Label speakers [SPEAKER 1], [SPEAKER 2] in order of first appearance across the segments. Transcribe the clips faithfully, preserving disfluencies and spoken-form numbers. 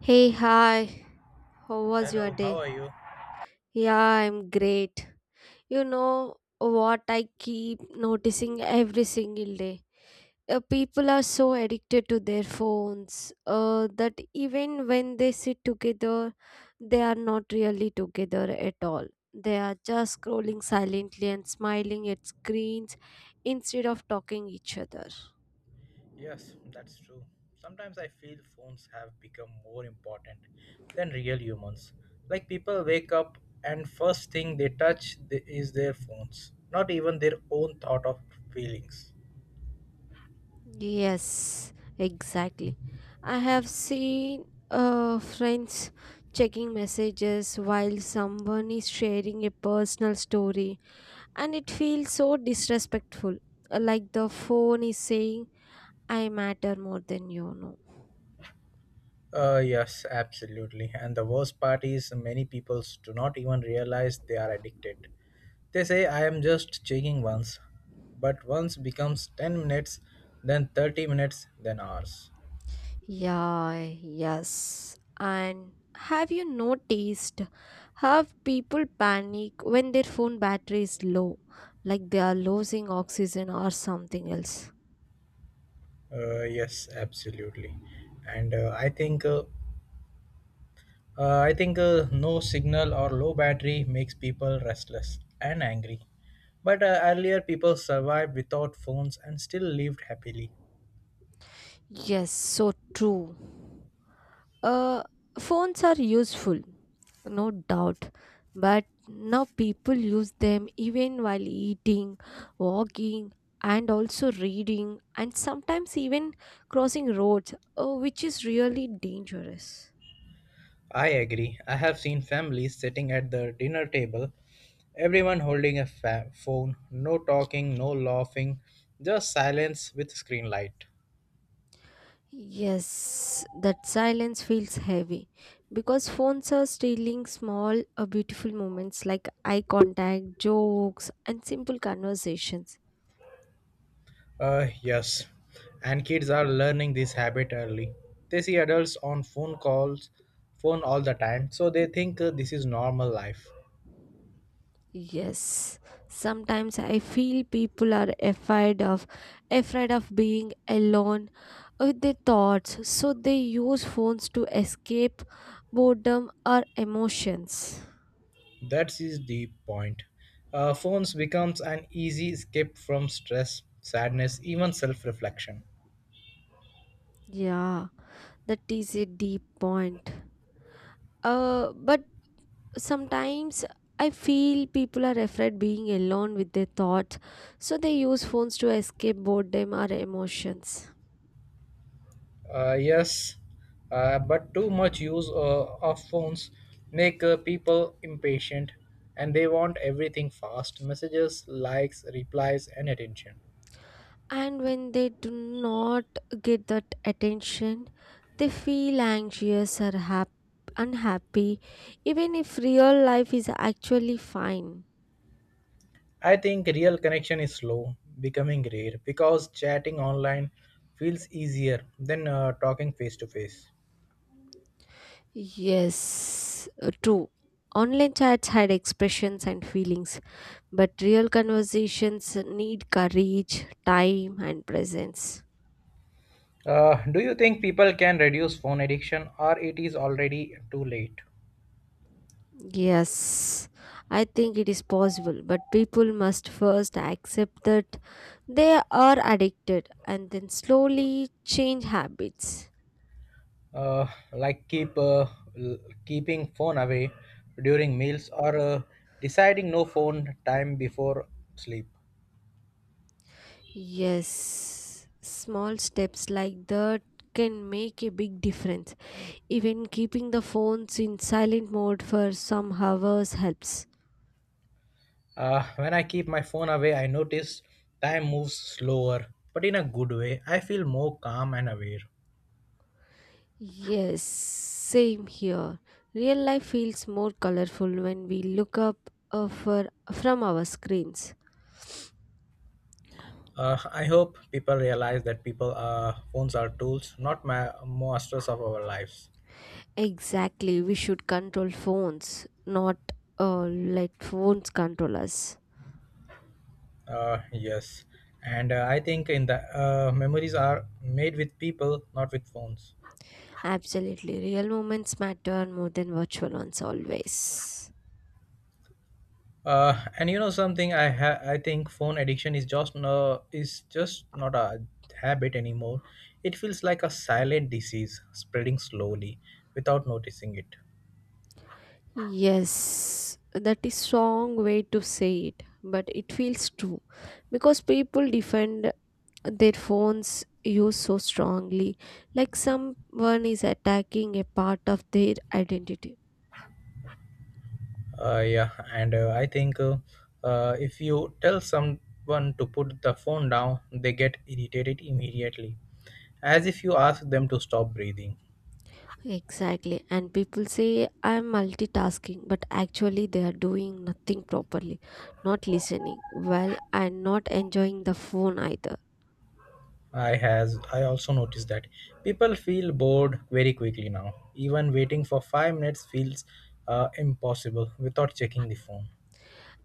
[SPEAKER 1] Hey, hi. How was your
[SPEAKER 2] Hello, how
[SPEAKER 1] day?
[SPEAKER 2] are you?
[SPEAKER 1] Yeah, I'm great. You know what I keep noticing every single day? Uh, people are so addicted to their phones uh, that even when they sit together, they are not really together at all. They are just scrolling silently and smiling at screens instead of talking each other.
[SPEAKER 2] Yes, that's true. Sometimes I feel phones have become more important than real humans. Like people wake up and first thing they touch th- is their phones, not even their own thought of feelings.
[SPEAKER 1] Yes, exactly. I have seen uh, friends checking messages while someone is sharing a personal story, and it feels so disrespectful. uh, Like the phone is saying, I matter more than you know.
[SPEAKER 2] Uh, yes, absolutely. And the worst part is many people do not even realize they are addicted. They say I am just checking once, but once becomes ten minutes, then thirty minutes, then hours.
[SPEAKER 1] Yeah, yes. And have you noticed how people panic when their phone battery is low, like they are losing oxygen or something else?
[SPEAKER 2] Uh, yes, absolutely. And uh, I think uh, uh, I think uh, no signal or low battery makes people restless and angry. But uh, earlier people survived without phones and still lived happily.
[SPEAKER 1] Yes, so true. Uh, Phones are useful, no doubt, but now people use them even while eating, walking, and also reading, and sometimes even crossing roads, uh, which is really dangerous.
[SPEAKER 2] I agree. I have seen families sitting at the dinner table, everyone holding a fa- phone, no talking, no laughing, just silence with screen light.
[SPEAKER 1] Yes, that silence feels heavy because phones are stealing small, uh, beautiful moments like eye contact, jokes, and simple conversations.
[SPEAKER 2] Uh, yes, and kids are learning this habit early. They see adults on phone calls, phone all the time, so they think uh, this is normal life.
[SPEAKER 1] Yes, sometimes I feel people are afraid of afraid of being alone with their thoughts, so they use phones to escape boredom or emotions.
[SPEAKER 2] That is the point. Uh, phones becomes an easy escape from stress, sadness, even self-reflection.
[SPEAKER 1] Yeah, that is a deep point. Uh, but sometimes I feel people are afraid being alone with their thoughts, so they use phones to escape boredom or emotions.
[SPEAKER 2] Uh, yes, uh, but too much use uh, of phones make uh, people impatient, and they want everything fast: messages, likes, replies, and attention.
[SPEAKER 1] And when they do not get that attention, they feel anxious or hap- unhappy, even if real life is actually fine.
[SPEAKER 2] I think real connection is slow, becoming rare, because chatting online feels easier than uh, talking face to face.
[SPEAKER 1] Yes, uh, true. Online chats had expressions and feelings, but real conversations need courage, time, and presence.
[SPEAKER 2] Uh, Do you think people can reduce phone addiction, or it is already too late?
[SPEAKER 1] Yes, I think it is possible, but people must first accept that they are addicted and then slowly change habits.
[SPEAKER 2] Uh, like keep uh, l- keeping phone away during meals, or uh, deciding no phone time before sleep.
[SPEAKER 1] Yes, small steps like that can make a big difference. Even keeping the phones in silent mode for some hours helps.
[SPEAKER 2] Uh, when I keep my phone away, I notice time moves slower, but in a good way. I feel more calm and aware.
[SPEAKER 1] Yes, same here. Real life feels more colorful when we look up uh, for, from our screens.
[SPEAKER 2] Uh, I hope people realize that people uh, phones are tools, not ma- masters of our lives.
[SPEAKER 1] Exactly, we should control phones, not uh, let phones control us.
[SPEAKER 2] Uh, yes, and uh, I think in the uh, memories are made with people, not with phones.
[SPEAKER 1] Absolutely. Real moments matter more than virtual ones always.
[SPEAKER 2] Uh, and you know something, I ha- I think phone addiction is just no is just not a habit anymore. It feels like a silent disease spreading slowly without noticing it.
[SPEAKER 1] Yes, that is strong way to say it, but it feels true because people defend their phones use so strongly, like someone is attacking a part of their identity.
[SPEAKER 2] Uh, yeah, and uh, I think uh, uh, if you tell someone to put the phone down, they get irritated immediately, as if you ask them to stop breathing.
[SPEAKER 1] Exactly, and people say I'm multitasking, but actually they are doing nothing properly, not listening well, and not enjoying the phone either.
[SPEAKER 2] I has I also noticed that people feel bored very quickly now. Even waiting for five minutes feels uh, impossible without checking the phone.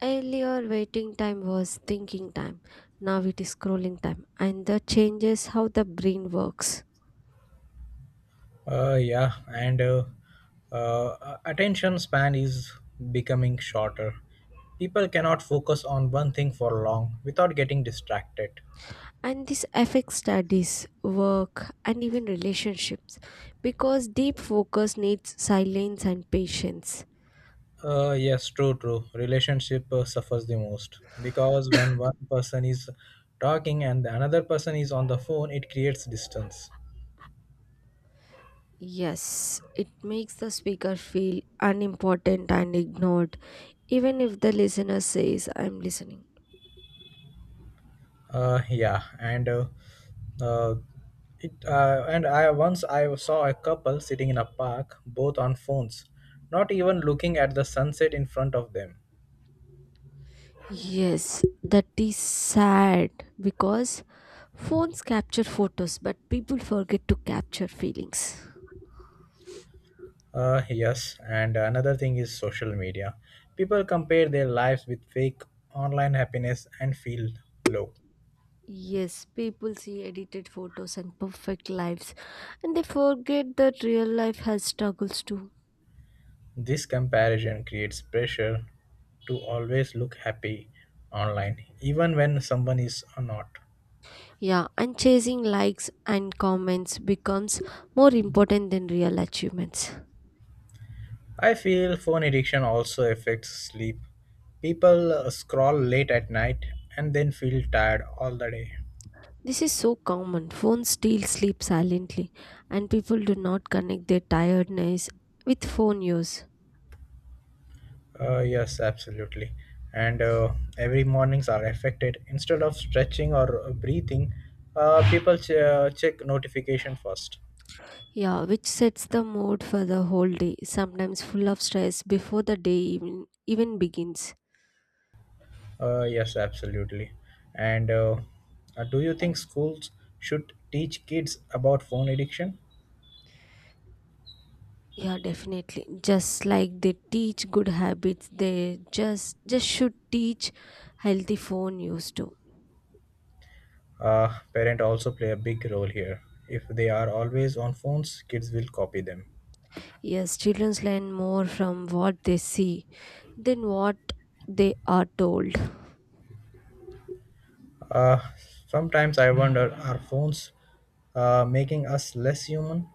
[SPEAKER 1] Earlier, waiting time was thinking time. Now it is scrolling time, and that changes how the brain works.
[SPEAKER 2] Uh, yeah, and uh, uh, attention span is becoming shorter. People cannot focus on one thing for long without getting distracted.
[SPEAKER 1] And this affects studies, work, and even relationships because deep focus needs silence and patience.
[SPEAKER 2] Uh, yes, True, true. Relationship uh, suffers the most because when one person is talking and the another person is on the phone, it creates distance.
[SPEAKER 1] Yes, it makes the speaker feel unimportant and ignored, even if the listener says, I'm listening.
[SPEAKER 2] Uh, yeah, and uh, uh, it uh, and I once I saw a couple sitting in a park, both on phones, not even looking at the sunset in front of them.
[SPEAKER 1] Yes, that is sad because phones capture photos, but people forget to capture feelings.
[SPEAKER 2] Uh, yes, and another thing is social media. People compare their lives with fake online happiness and feel low.
[SPEAKER 1] Yes, people see edited photos and perfect lives, and they forget that real life has struggles too.
[SPEAKER 2] This comparison creates pressure to always look happy online, even when someone is not.
[SPEAKER 1] Yeah, and chasing likes and comments becomes more important than real achievements.
[SPEAKER 2] I feel phone addiction also affects sleep. People uh, scroll late at night and then feel tired all the day.
[SPEAKER 1] This is so common. Phones still sleep silently, and people do not connect their tiredness with phone use.
[SPEAKER 2] Uh, yes, absolutely. And uh, every mornings are affected. Instead of stretching or uh, breathing, uh, people ch- uh, check notification first.
[SPEAKER 1] Yeah, which sets the mood for the whole day, sometimes full of stress before the day even, even begins.
[SPEAKER 2] Uh, yes, absolutely. And uh, uh, Do you think schools should teach kids about phone addiction?
[SPEAKER 1] Yeah, definitely. Just like they teach good habits, they just just should teach healthy phone use too.
[SPEAKER 2] Uh, parents also play a big role here. If they are always on phones, kids will copy them.
[SPEAKER 1] Yes, children learn more from what they see than what they are told.
[SPEAKER 2] Uh, Sometimes I wonder, are phones uh, making us less human?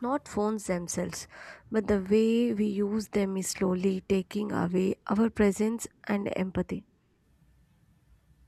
[SPEAKER 1] Not phones themselves, but the way we use them is slowly taking away our presence and empathy.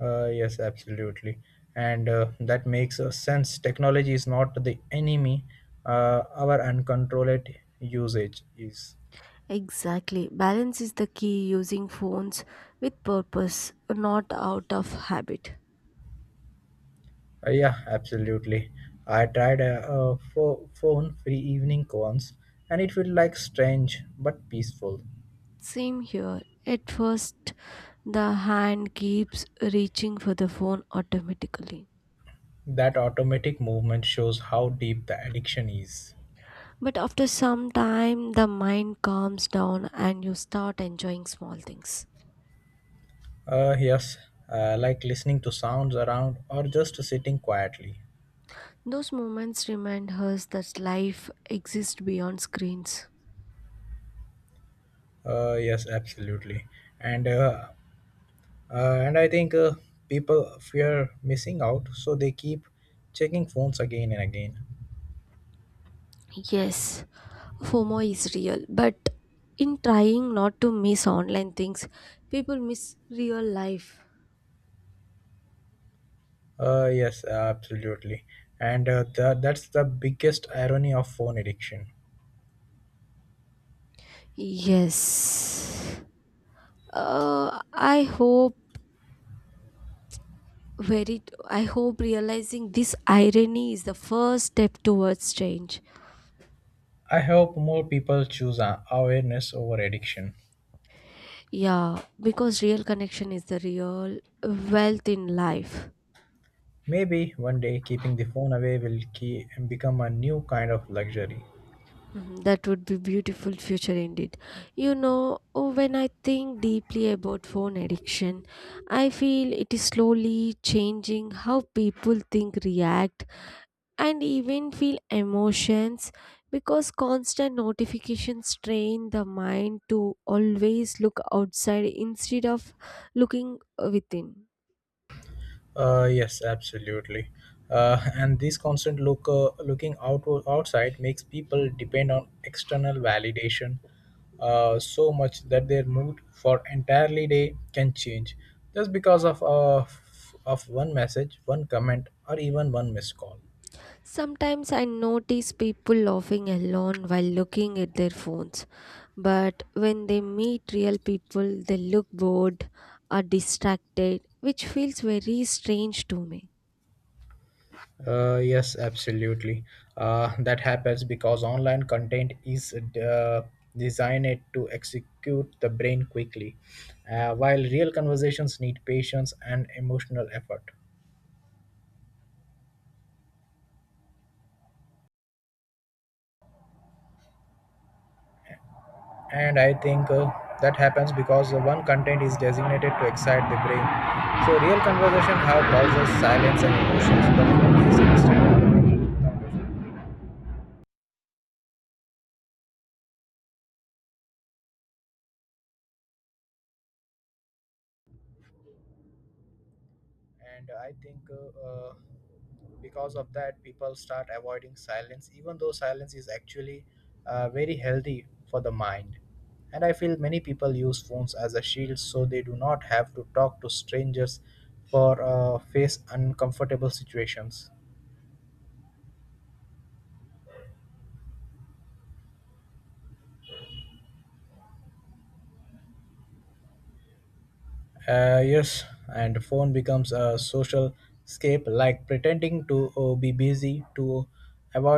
[SPEAKER 2] Uh, yes, absolutely. And uh, that makes uh, sense. Technology is not the enemy, uh, our uncontrolled usage is.
[SPEAKER 1] Exactly. Balance is the key using phones with purpose, not out of habit.
[SPEAKER 2] Uh, yeah, Absolutely. I tried a, a pho- phone-free evening once, and it felt like strange but peaceful.
[SPEAKER 1] Same here. At first, the hand keeps reaching for the phone automatically.
[SPEAKER 2] That automatic movement shows how deep the addiction is.
[SPEAKER 1] But after some time, the mind calms down and you start enjoying small things.
[SPEAKER 2] Uh, yes, uh, like listening to sounds around or just sitting quietly.
[SPEAKER 1] Those moments remind us that life exists beyond screens.
[SPEAKER 2] Uh, yes, absolutely. And uh, uh, and I think uh, people fear missing out, so they keep checking phones again and again.
[SPEAKER 1] Yes, FOMO is real, but in trying not to miss online things, people miss real life.
[SPEAKER 2] Uh, yes, absolutely. And uh, tha- that's the biggest irony of phone addiction.
[SPEAKER 1] Yes. Uh, I hope very I hope realizing this irony is the first step towards change.
[SPEAKER 2] I hope more people choose uh, awareness over addiction.
[SPEAKER 1] Yeah, because real connection is the real wealth in life.
[SPEAKER 2] Maybe one day keeping the phone away will key and become a new kind of luxury.
[SPEAKER 1] Mhm. That would be beautiful future indeed. You know, oh, when I think deeply about phone addiction, I feel it is slowly changing how people think, react, and even feel emotions because constant notifications train the mind to always look outside instead of looking within.
[SPEAKER 2] Uh, yes, absolutely. Uh, and this constant look uh, looking out outside makes people depend on external validation uh, so much that their mood for entirely day can change just because of uh, f- of one message, one comment, or even one missed call.
[SPEAKER 1] Sometimes I notice people laughing alone while looking at their phones, but when they meet real people, they look bored or distracted, which feels very strange to me.
[SPEAKER 2] Uh, yes, absolutely. Uh, that happens because online content is uh, designed to execute the brain quickly, uh, while real conversations need patience and emotional effort. And I think uh, that happens because the one content is designated to excite the brain. So real conversation have pauses, silence, and emotions, but food is instant. Dopamine. and i think uh, uh, because of that people start avoiding silence even though silence is actually uh, very healthy for the mind, and I feel many people use phones as a shield so they do not have to talk to strangers for uh, face uncomfortable situations. Uh, yes, and phone becomes a social escape, like pretending to uh, be busy to avoid